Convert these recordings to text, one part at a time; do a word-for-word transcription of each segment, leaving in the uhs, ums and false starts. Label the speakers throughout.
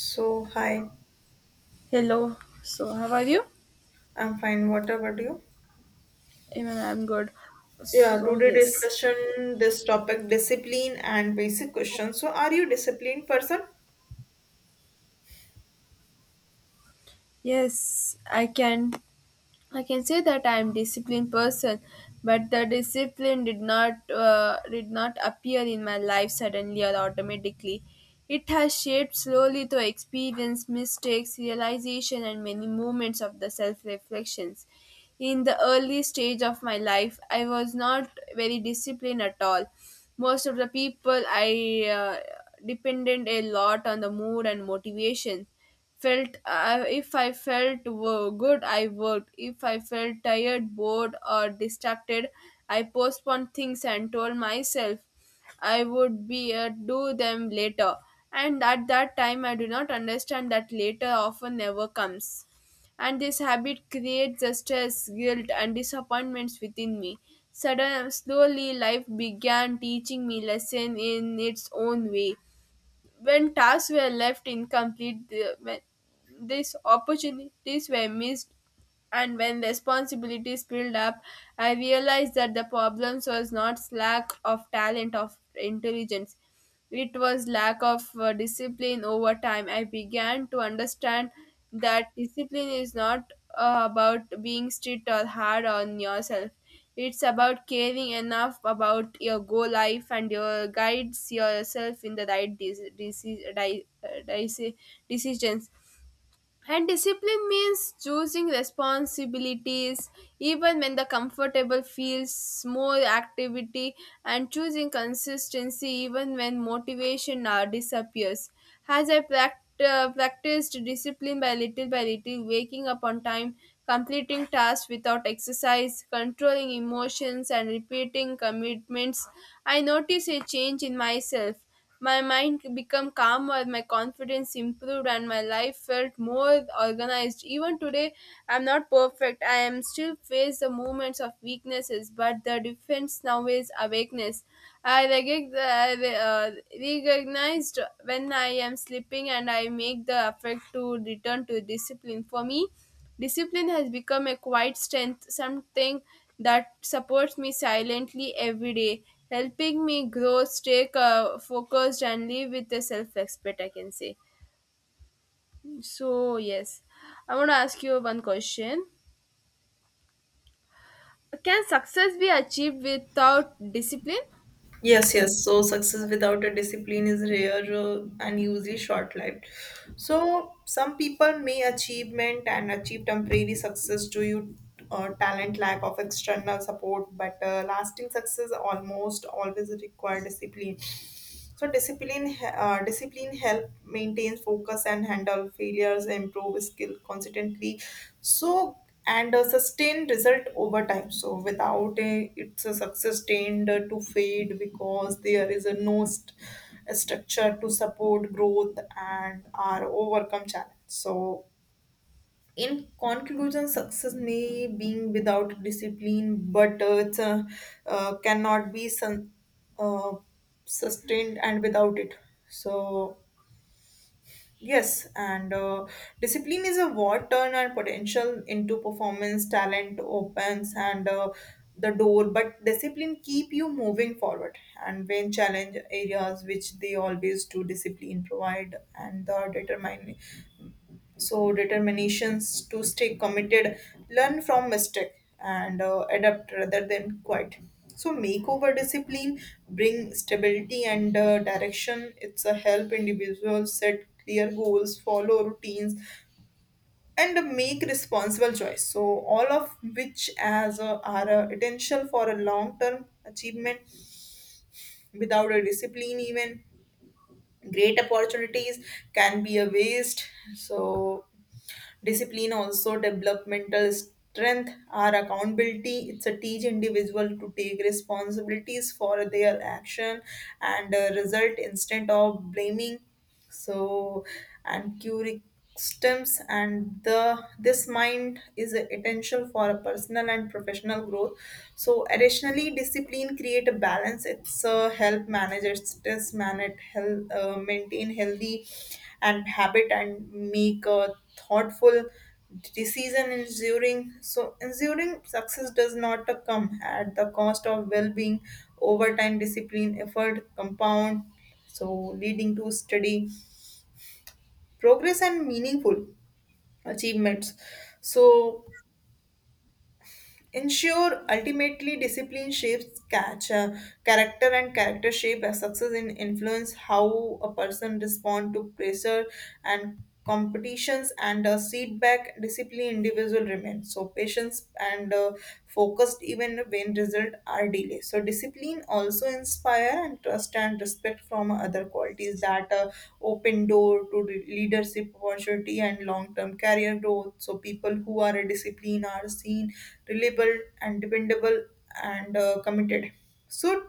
Speaker 1: So, hi,
Speaker 2: Hello. So, how are you?
Speaker 1: I'm fine. What about you?
Speaker 2: Even I'm good.
Speaker 1: Yeah,
Speaker 2: So,
Speaker 1: today
Speaker 2: yes.
Speaker 1: discussion this topic discipline and basic questions. So, are you disciplined person?
Speaker 2: Yes, I can. I can say that I am disciplined person, but the discipline did not uh, did not appear in my life suddenly or automatically. It has shaped slowly through experience, mistakes, realization, and many moments of the self reflections. In the early stage of my life, I was not very disciplined at all. Most of the people I uh, depended a lot on the mood and motivation felt uh, if I felt wo- good I worked, if I felt tired, bored or distracted, I postponed things and told myself I would be uh, do them later, and at that time I do not understand that later often never comes, and this habit creates the stress, guilt and disappointments within me. Suddenly slowly life began teaching me lesson in its own way. When tasks were left incomplete, the, when these opportunities were missed, and when responsibilities built up, I realized that the problems was not lack of talent of intelligence. It was lack of uh, discipline. Over time, I began to understand that discipline is not uh, about being strict or hard on yourself. It's about caring enough about your goal life and your guides yourself in the right dec- deci- di- uh, deci- decisions. And discipline means choosing responsibilities even when the comfortable feels more activity, and choosing consistency even when motivation uh, disappears. As I prac- uh, practiced discipline by little by little, waking up on time, completing tasks without exercise, controlling emotions, and repeating commitments, I noticed a change in myself. My mind became calmer, my confidence improved, and my life felt more organized. Even today, I'm not perfect. I am still face the moments of weaknesses, but the difference now is awakeness. I recog- I re- uh, recognized when I am sleeping, and I make the effort to return to discipline. For me, discipline has become a quiet strength, something that supports me silently every day, helping me grow, stay uh, focused, and live with a self respect, I can say. So, yes, I want to ask you one question. Can success be achieved without discipline?
Speaker 1: Yes, yes. So, success without a discipline is rare uh, and usually short-lived. So, some people may achievement and achieve temporary success due you uh, talent, lack of external support, but uh, lasting success almost always require discipline. So discipline, uh, discipline help maintain focus and handle failures, improve skill consistently. So and uh, sustain result over time. So without a, it's a success tend to fade because there is a no st- structure to support growth and are overcome challenge. So in conclusion success may be without discipline but uh, it's, uh, uh, cannot be sun, uh, sustained and without it so yes and uh, discipline is a what turn and potential into performance talent opens and uh, the door but discipline keep you moving forward and when challenge areas which they always do discipline provide and the determine so determinations to stay committed learn from mistake and uh, adapt rather than quit so makeover discipline bring stability and uh, direction it's a help individuals set clear goals follow routines and make responsible choice so all of which as a, are a potential for a long term achievement without a discipline even great opportunities can be a waste so discipline also developmental strength our accountability it's a teach individual to take responsibilities for their action and uh, result instead of blaming so and curriculums and the this mind is essential for a personal and professional growth so additionally discipline create a balance it's uh, help manage its stress manage health uh, maintain healthy and habit and make a thoughtful decision ensuring so ensuring success does not uh, come at the cost of well-being over time discipline effort compound so leading to steady progress and meaningful achievements so ensure ultimately discipline shapes catch uh, character and character shape as success and influence how a person respond to pressure and competitions and uh, feedback discipline individual remains so patience and uh, focused even when result are delayed so discipline also also inspire and trust and respect from other qualities that uh, open door to re- leadership opportunity and long-term career growth so people who are disciplined are seen reliable and dependable and uh, committed so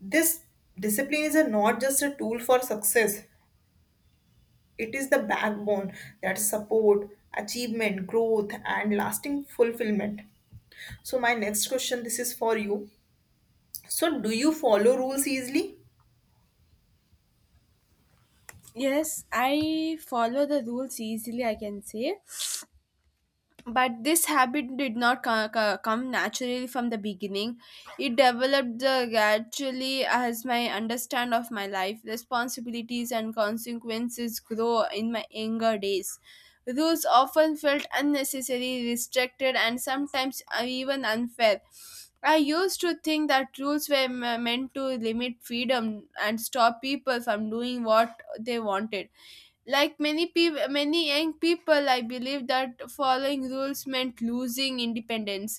Speaker 1: this discipline is a, not just a tool for success it is the backbone that support achievement growth and lasting fulfillment so my next question this is for you so do you follow rules easily.
Speaker 2: Yes, I follow the rules easily, I can say, but this habit did not co- co- come naturally from the beginning. It developed uh, gradually as my understand of my life responsibilities and consequences grow. In my younger days, rules often felt unnecessary, restricted, and sometimes uh, even unfair. I used to think that rules were me- meant to limit freedom and stop people from doing what they wanted. Like many people, many young people I believe that following rules meant losing independence.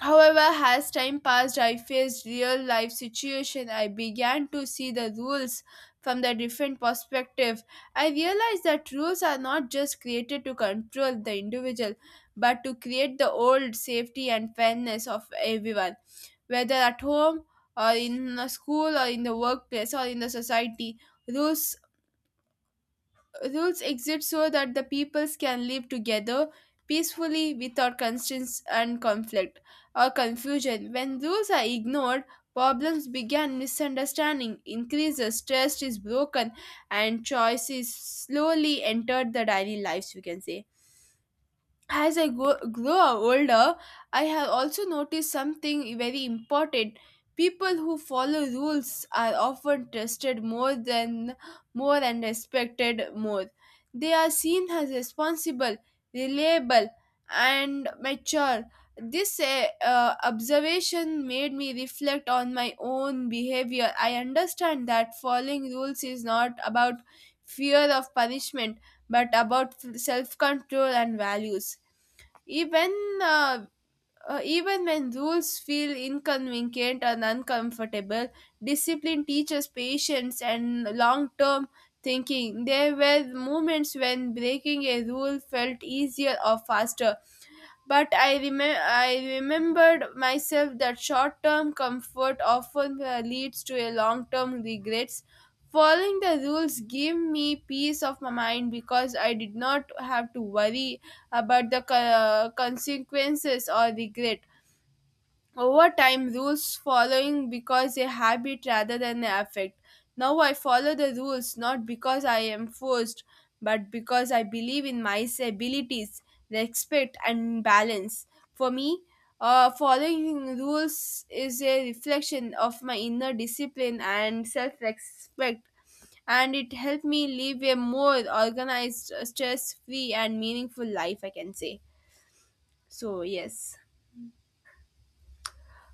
Speaker 2: However, as time passed, I faced real life situation, I began to see the rules from the different perspective. I realized that rules are not just created to control the individual, but to create the old safety and fairness of everyone, whether at home, or in a school, or in the workplace, or in the society. Rules rules exist so that the peoples can live together peacefully, without constraints and conflict or confusion. When rules are ignored, problems begin, misunderstanding increases, trust is broken, and choices slowly enter the daily lives, we can say. As I go, grow older, I have also noticed something very important. People who follow rules are often trusted more than more and respected more. They are seen as responsible, reliable, and mature. This uh, uh, observation made me reflect on my own behavior. I understand that following rules is not about fear of punishment, but about self control and values, even uh, uh, even when rules feel inconvenient and uncomfortable. Discipline teaches patience and long-term thinking. There were moments when breaking a rule felt easier or faster, but I remem- I remembered myself that short-term comfort often uh, leads to a long-term regrets. Following the rules gave me peace of my mind because I did not have to worry about the co- consequences or regret. Over time, rules following because a habit rather than an affect. Now I follow the rules not because I am forced, but because I believe in my abilities, respect, and balance. For me, uh, following rules is a reflection of my inner discipline and self respect, and it helped me live a more organized, stress free, and meaningful life, I can say. So, yes.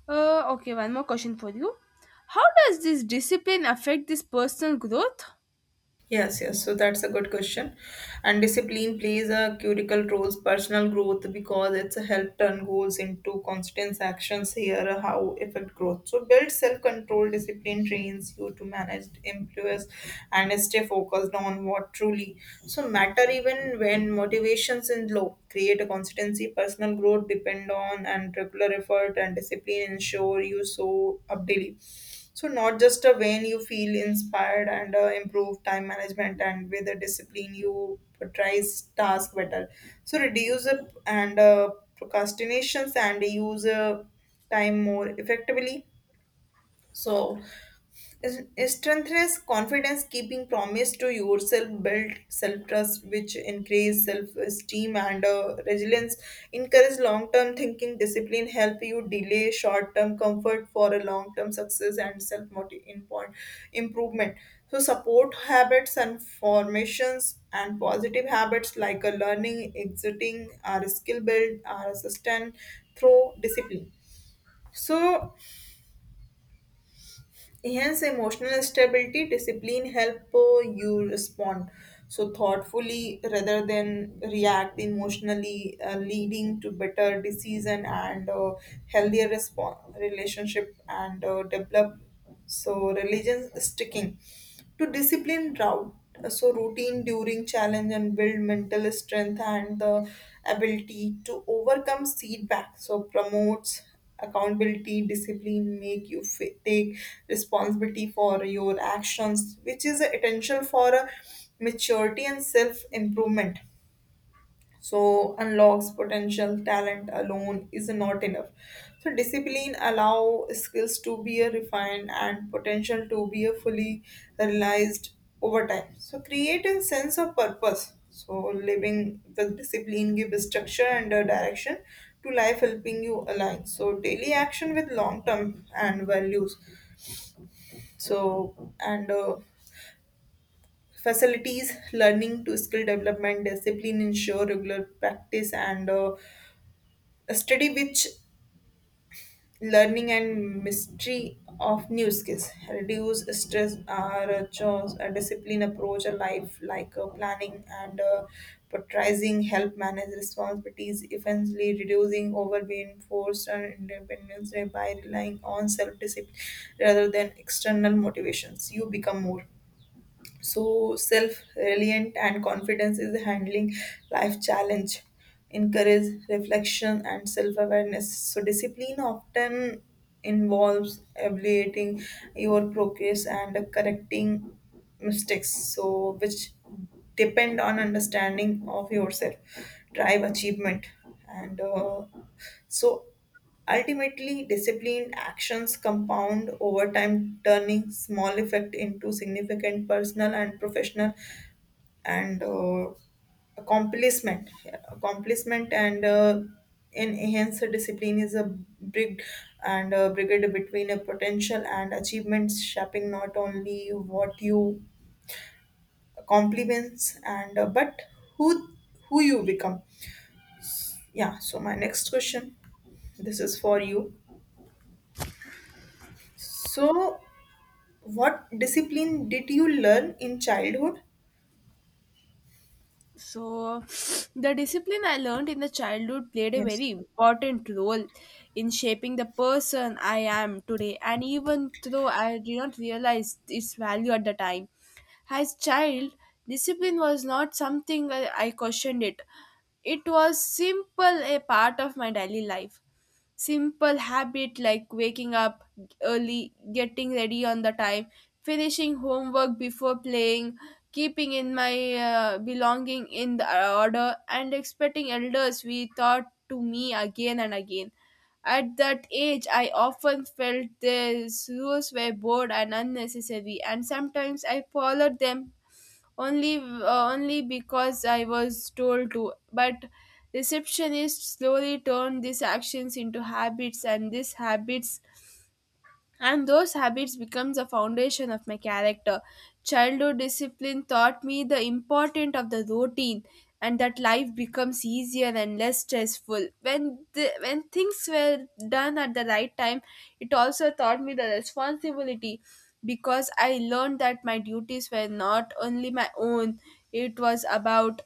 Speaker 2: Uh, okay, one more question for you. How does this discipline affect this personal growth?
Speaker 1: Yes, yes. So that's a good question. And discipline plays a critical role in personal growth because it's a help turn goals into constant actions here how affect growth. So build self-control discipline trains you to manage influence and stay focused on what truly so matter even when motivations in low create a consistency personal growth depend on and regular effort and discipline ensure you show up daily so not just a when you feel inspired and uh, improve time management and with the discipline you prioritize task better. So reduce up and uh, procrastinations and use uh, time more effectively. So strengthens confidence keeping promise to yourself build self-trust which increase self-esteem and uh, resilience encourage long-term thinking discipline help you delay short-term comfort for a long-term success and self-improvement so support habits and formations and positive habits like a learning exiting or skill build are sustain through discipline so enhance emotional stability, discipline help uh, you respond so thoughtfully rather than react emotionally, uh, leading to better decision and uh, healthier response relationship and uh, develop so religion sticking to discipline route uh, so routine during challenge and build mental strength and the ability to overcome setback so promotes accountability discipline make you f- take responsibility for your actions which is a essential for a maturity and self improvement so unlocks potential talent alone is not enough so discipline allow skills to be a refined and potential to be a fully realized over time so create a sense of purpose so living with discipline give structure and a direction to life helping you align so daily action with long term and values so and uh, facilities learning to skill development discipline ensure regular practice and uh, a study which learning and mystery of new skills reduce stress or chores a discipline approach a life like uh, planning and uh, prioritizing help manage responsibilities eventually reducing overbeing forced and independence by relying on self-discipline rather than external motivations you become more so self-reliant and confidence is handling life challenge encourage reflection and self-awareness so discipline often involves evaluating your progress and correcting mistakes so which depend on understanding of yourself drive achievement and uh, so ultimately, disciplined actions compound over time, turning small effect into significant personal and professional and uh, accomplishment. Yeah, accomplishment and uh, in enhanced discipline is a big and a brigade between a potential and achievements, shaping not only what you accomplishments and uh, but who who you become. Yeah. So my next question, this is for you. So what discipline did you learn in childhood?
Speaker 2: So, the discipline I learned in the childhood played a very
Speaker 1: Yes.
Speaker 2: important role in shaping the person I am today. And even though I did not realize its value at the time, as child, discipline was not something I I questioned it. It was simple a part of my daily life. Simple habit like waking up early, getting ready on the time, finishing homework before playing, keeping in my uh, belonging in the order, and expecting elders we thought to me again and again. At that age, I often felt these rules were bored and unnecessary, and sometimes I followed them only uh, only because I was told to. But receptionists slowly turned these actions into habits, and these habits and those habits become the foundation of my character. Childhood discipline taught me the importance of the routine, and that life becomes easier and less stressful when the, when things were done at the right time. It also taught me the responsibility because I learned that my duties were not only my own, it was about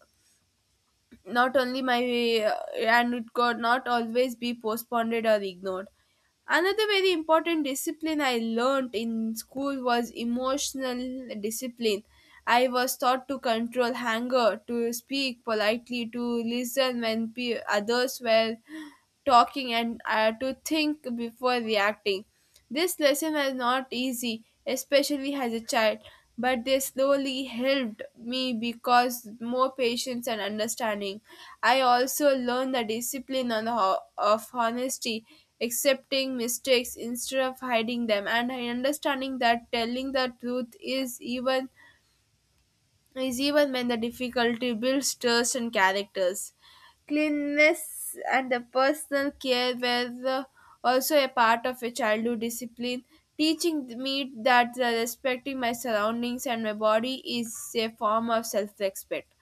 Speaker 2: not only my uh, and it could not always be postponed or ignored. Another very important discipline I learned in school was emotional discipline. I was taught to control anger, to speak politely, to listen when pe- others were talking, and uh, to think before reacting. This lesson was not easy, especially as a child, but they slowly helped me because more patience and understanding. I also learned the discipline on ho- of honesty, accepting mistakes instead of hiding them, and I understanding that telling the truth is even is even when the difficulty builds trust and characters. Cleanliness and the personal care were uh, also a part of a childhood discipline, teaching me that uh, respecting my surroundings and my body is a form of self respect.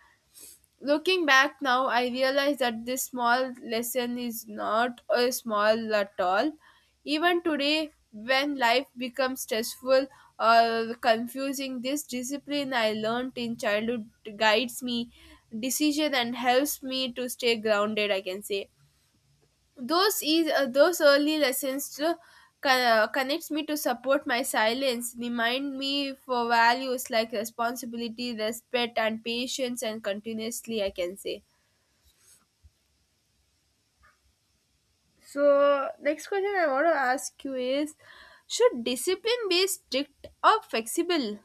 Speaker 2: Looking back now, I realize that this small lesson is not a small at all. Even today, when life becomes stressful or confusing, this discipline I learned in childhood guides me, decision and helps me to stay grounded, I can say. those is uh, those early lessons to co- connects me to support my silence, remind me for values like responsibility, respect, and patience, and continuously I can say. So, next question I want to ask you is, should discipline be strict or flexible?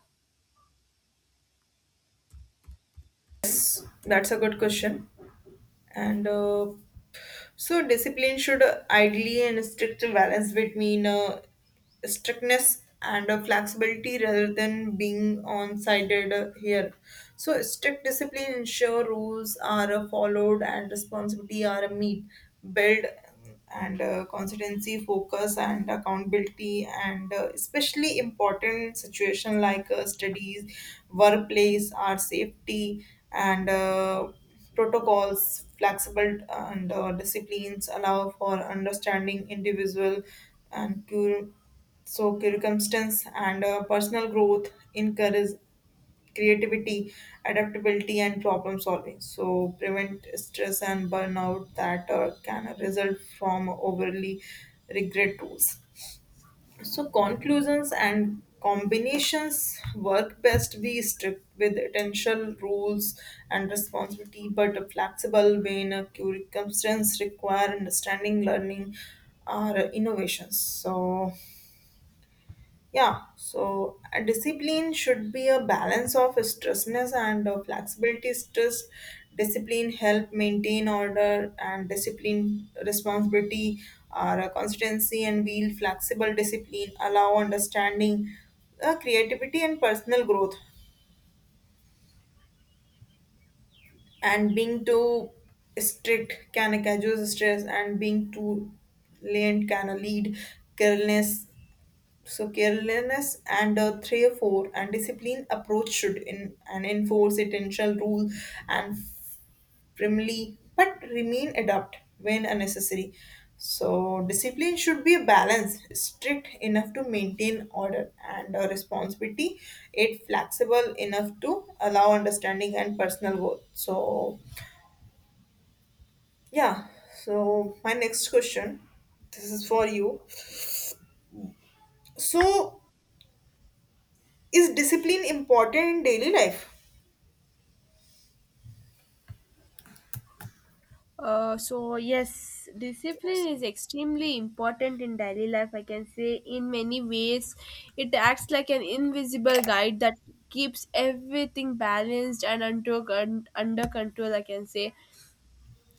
Speaker 1: Yes, that's a good question. And uh, so, discipline should ideally and strict balance between uh, strictness and uh, flexibility rather than being on-sided uh, here. So strict discipline ensure rules are uh, followed and responsibility are uh, meet. Build and uh, consistency, focus and accountability and uh, especially important situation like uh, studies, workplace, our safety and uh, protocols, flexible and uh, disciplines allow for understanding individual and to so circumstance and uh, personal growth encourage creativity, adaptability, and problem solving. So prevent stress and burnout that uh, can result from overly regret tools. So conclusions and combinations work best be strict with essential rules and responsibility, but flexible when uh, circumstances require understanding, learning, or innovations. So yeah, so a discipline should be a balance of stressness and uh, flexibility. Stress, discipline help maintain order, and discipline responsibility are a consistency and wheel. Flexible discipline allow understanding, uh, creativity, and personal growth. And being too strict can cause stress, and being too lenient can lead carelessness. So carelessness and uh, three or four and discipline approach should in and enforce intentional rule and firmly but remain adapt when unnecessary. So discipline should be a balance, strict enough to maintain order and uh, responsibility, it flexible enough to allow understanding and personal growth. So yeah. So my next question, this is for you. So is discipline important in daily life?
Speaker 2: Uh, so, yes, discipline is extremely important in daily life. I can say, in many ways, it acts like an invisible guide that keeps everything balanced and under, con- under control, I can say.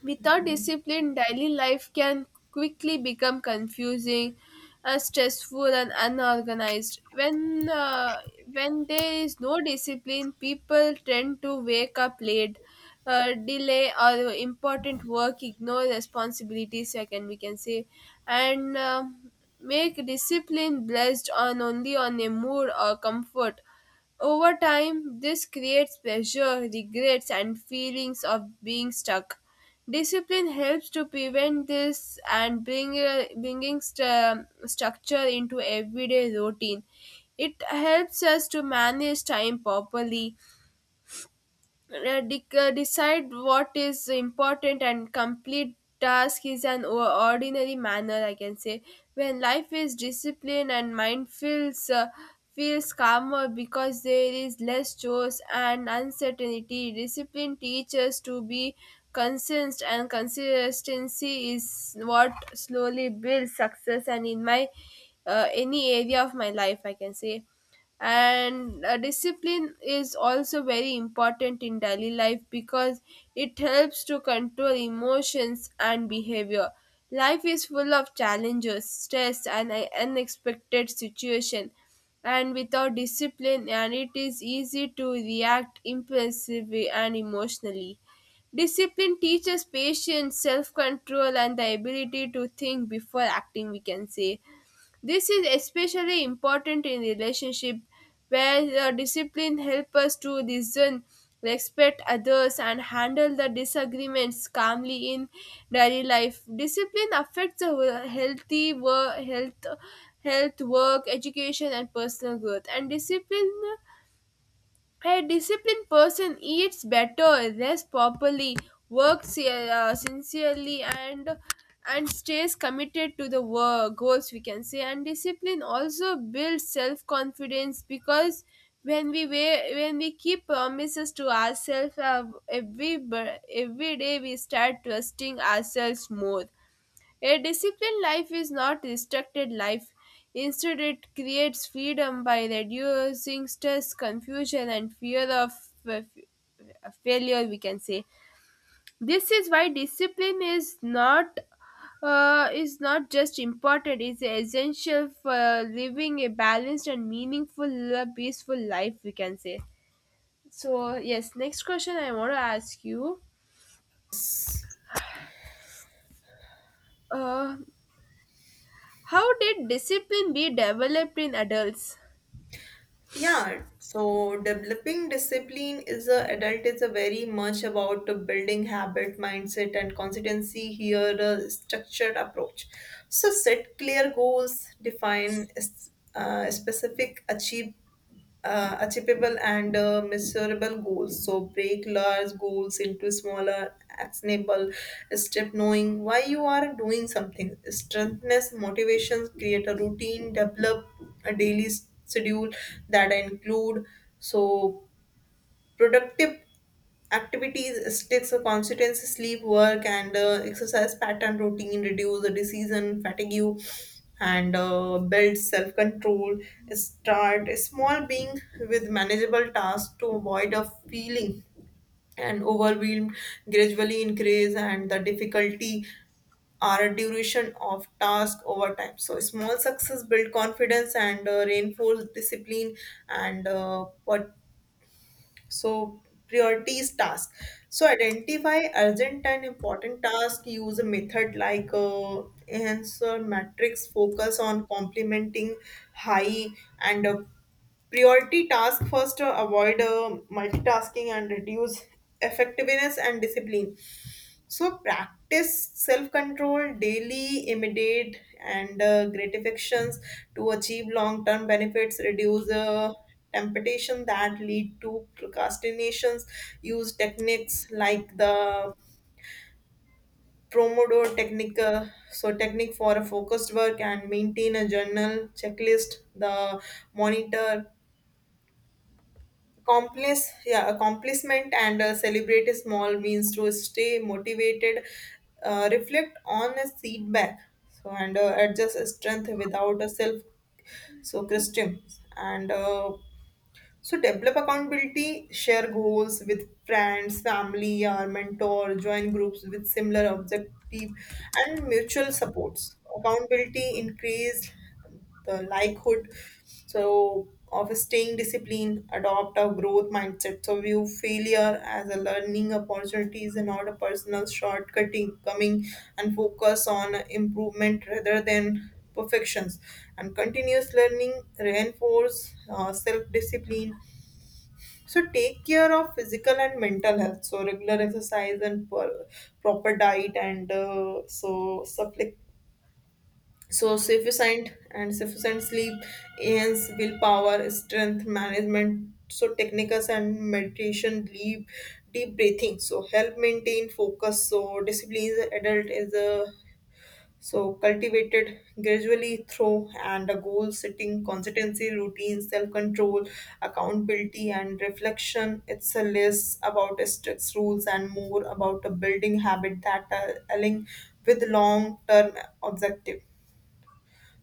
Speaker 2: Without discipline, daily life can quickly become confusing, uh, stressful, and unorganized. When uh, when there is no discipline, people tend to wake up late, uh, delay or important work, ignore responsibilities, I can we can say, and um make discipline blessed on only on a mood or comfort. Over time, this creates pressure, regrets, and feelings of being stuck. Discipline helps to prevent this and bring uh, bringing st- um, structure into everyday routine. It helps us to manage time properly, uh, de- uh, decide what is important and complete task is an o- ordinary manner, I can say. When life is disciplined, and mind feels uh, feels calmer because there is less chores and uncertainty. Discipline teaches to be consistent, and consistency is what slowly builds success and in my uh, any area of my life, I can say. And uh, discipline is also very important in daily life because it helps to control emotions and behavior. Life is full of challenges, stress, and uh, unexpected situation, and without discipline, and it is easy to react impulsively and emotionally. Discipline teaches patience, self control, and the ability to think before acting, we can say. This is especially important in relationship, where the discipline helps us to listen, respect others and handle the disagreements calmly in daily life. Discipline affects the wo- healthy work, health health work, education and personal growth and discipline. A disciplined person eats better, rests properly, works uh, sincerely, and and stays committed to the work goals, we can say. And discipline also builds self confidence because when we wa- when we keep promises to ourselves, uh, every bur- every day, we start trusting ourselves more. A disciplined life is not restricted life. Instead, it creates freedom by reducing stress, confusion, and fear of uh, f- failure, we can say. This is why discipline is not uh, is not just important; it's essential for living a balanced and meaningful, uh, peaceful life, we can say. So yes, next question I want to ask you: uh, how did discipline be developed in adults?
Speaker 1: Yeah, so developing discipline is a adult is a very much about the building habit, mindset, and consistency. Here, a structured approach. So set clear goals, define s- uh, specific achievable uh, achievable and uh, measurable goals. So break large goals into smaller, actionable step. Knowing why you are doing something, strengthens motivations. Create a routine. Develop a daily schedule that include so productive activities sticks or constituency sleep work and uh, exercise pattern routine reduce the disease and fatigue and uh, build self-control start small being with manageable tasks to avoid a feeling and overwhelmed gradually increase and the difficulty are a duration of task over time so small success build confidence and uh, reinforce discipline and uh, pot- so priorities task. So identify urgent and important task. Use a method like uh, enhancer matrix. Focus on complementing high and uh, priority task first. Uh, avoid uh, multitasking and reduce effectiveness and discipline. So practice self-control daily, immediate and uh, gratifications to achieve long-term benefits. Reduce uh, temptation that lead to procrastinations. Use techniques like the Pomodoro technique, uh, so technique for a focused work and maintain a journal checklist. The monitor Complice, yeah, accomplishment and uh, celebrate small wins to stay motivated. Uh, reflect on a feedback, so and uh, adjust strength without a self. So Christian and uh, so develop accountability, share goals with friends, family, or mentor, join groups with similar objective and mutual supports. Accountability increase the likelihood so of staying disciplined, adopt a growth mindset. So view failure as a learning opportunities and not a personal shortcutting coming and focus on improvement rather than perfections and continuous learning reinforce uh, self-discipline so take care of physical and mental health so regular exercise and per- proper diet and uh, so supple- so sufficient and sufficient sleep enhance willpower strength management so techniques and meditation deep deep breathing so help maintain focus so discipline is adult is a so cultivated gradually through and a goal setting, consistency, routine, self-control, accountability and reflection. It's a less about strict rules and more about a building habit that are align with long-term objective.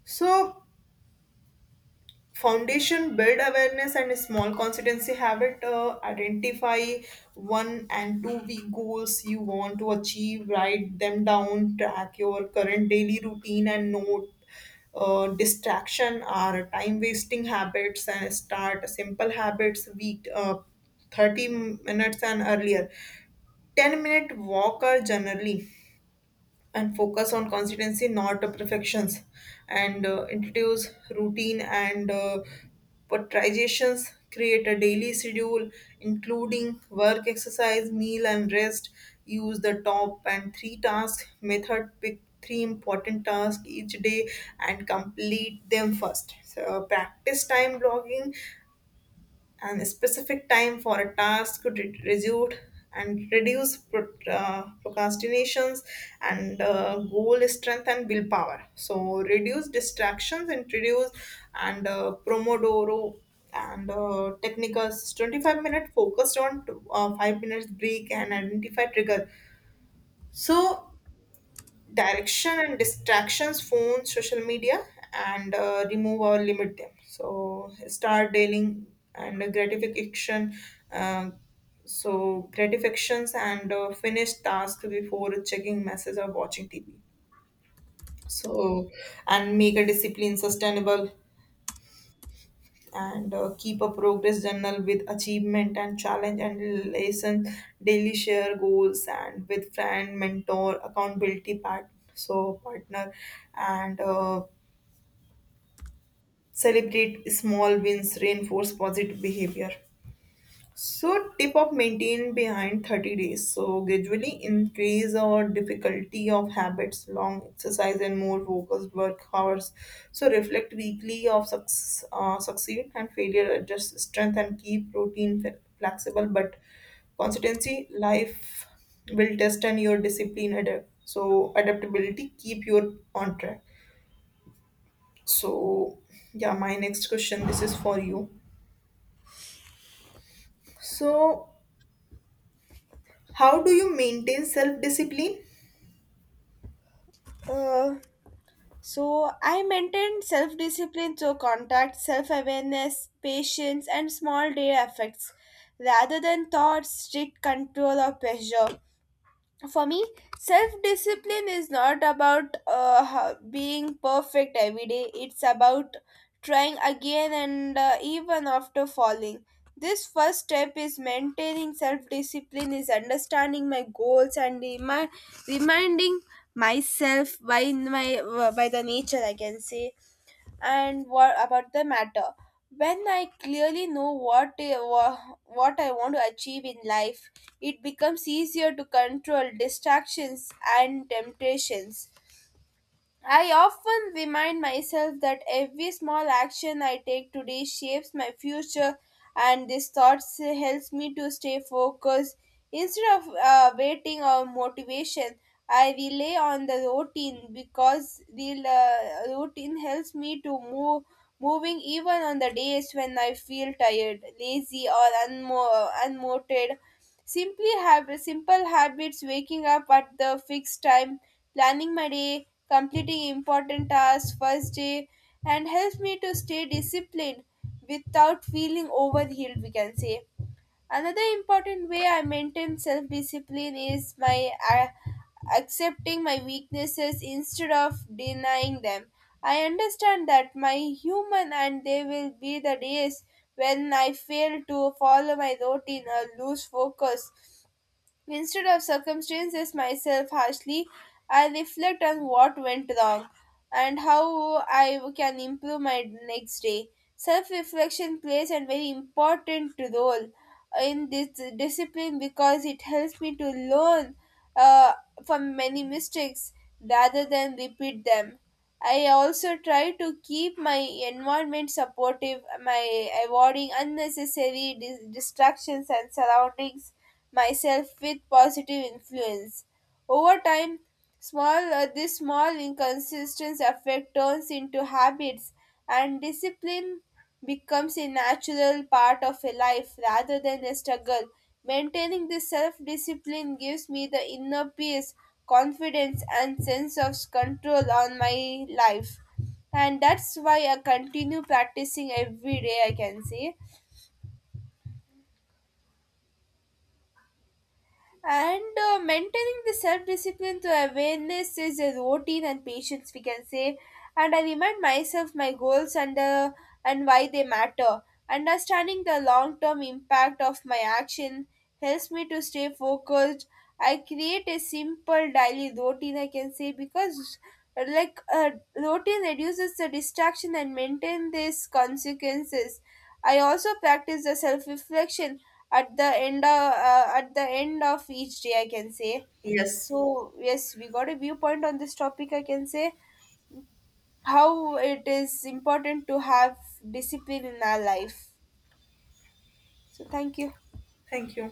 Speaker 1: So foundation build awareness and small consistency habit uh, identify one and two week goals you want to achieve write them down track your current daily routine and note uh, distraction or time wasting habits and start simple habits week uh, thirty minutes and earlier ten minute walk are generally and focus on consistency, not uh, perfections, and uh, introduce routine and uh, prioritizations. Create a daily schedule, including work, exercise, meal, and rest. Use the top and three task method. Pick three important tasks each day and complete them first. So, uh, practice time blocking and a specific time for a task could re- resume and reduce pro- uh, procrastinations and uh, goal strength and willpower so reduce distractions introduce and uh, promodoro and uh, technicals twenty-five minute focused on uh, five minutes break and identify trigger so direction and distractions phone social media and uh, remove or limit them so start dealing and gratification uh, so gratifications and uh, finish task before checking messages or watching TV so and make a discipline sustainable and uh, keep a progress journal with achievement and challenge and lesson daily share goals and with friend mentor accountability part so partner and uh, celebrate small wins reinforce positive behavior so tip of maintain behind thirty days. So gradually increase our difficulty of habits, long exercise and more focused work hours. So reflect weekly of success, uh, succeed and failure, adjust strength and keep routine fle- flexible. But consistency, life will test and your discipline adapt. So adaptability, keep your on track. So yeah, my next question. This is for you. So how do you maintain self discipline?
Speaker 2: Uh, So I maintained self discipline through contact, self awareness, patience, and small daily effects rather than thoughts, strict control, or pressure. For me, self discipline is not about uh, ho- being perfect every day. It's about trying again, and uh, even after falling, this first step is maintaining self discipline is understanding my goals and remi- reminding myself by my by the nature, I can say, and what about the matter. When I clearly know what I- wha- what I want to achieve in life, it becomes easier to control distractions and temptations. I often remind myself that every small action I take today shapes my future, and this thought s- helps me to stay focused. Instead of uh, waiting on motivation, I rely on the routine because the uh, routine helps me to move, moving even on the days when I feel tired, lazy, or unmo- unmotivated. Simply have simple habits, waking up at the fixed time, planning my day, completing important tasks first day, and helps me to stay disciplined without feeling overwhelmed, we can say. Another important way I maintain self discipline is my uh, accepting my weaknesses instead of denying them. I understand that my human, and there will be the days when I fail to follow my routine or lose focus. Instead of circumstances myself harshly, I reflect on what went wrong and how I can improve my next day. Self reflection plays a very important role in this discipline because it helps me to learn uh, from many mistakes rather than repeat them. I also try to keep my environment supportive, my avoiding unnecessary dis- distractions and surroundings myself with positive influence. Over time, small uh, this small inconsistent effect turns into habits, and discipline becomes a natural part of a life rather than a struggle. Maintaining this self discipline gives me the inner peace, confidence, and sense of control on my life. And that's why I continue practicing every day, I can say. And uh, maintaining the self discipline through awareness is a routine and patience, we can say. And I remind myself my goals, and, uh, and why they matter. Understanding the long term impact of my action helps me to stay focused. I create a simple daily routine, I can say, because uh, like uh, routine reduces the distraction and maintain these consequences. I also practice the self reflection at the end of, uh, at the end of each day, I can say.
Speaker 1: Yes.
Speaker 2: So yes, we got a viewpoint on this topic, I can say, how it is important to have discipline in our life. So thank you.
Speaker 1: Thank you.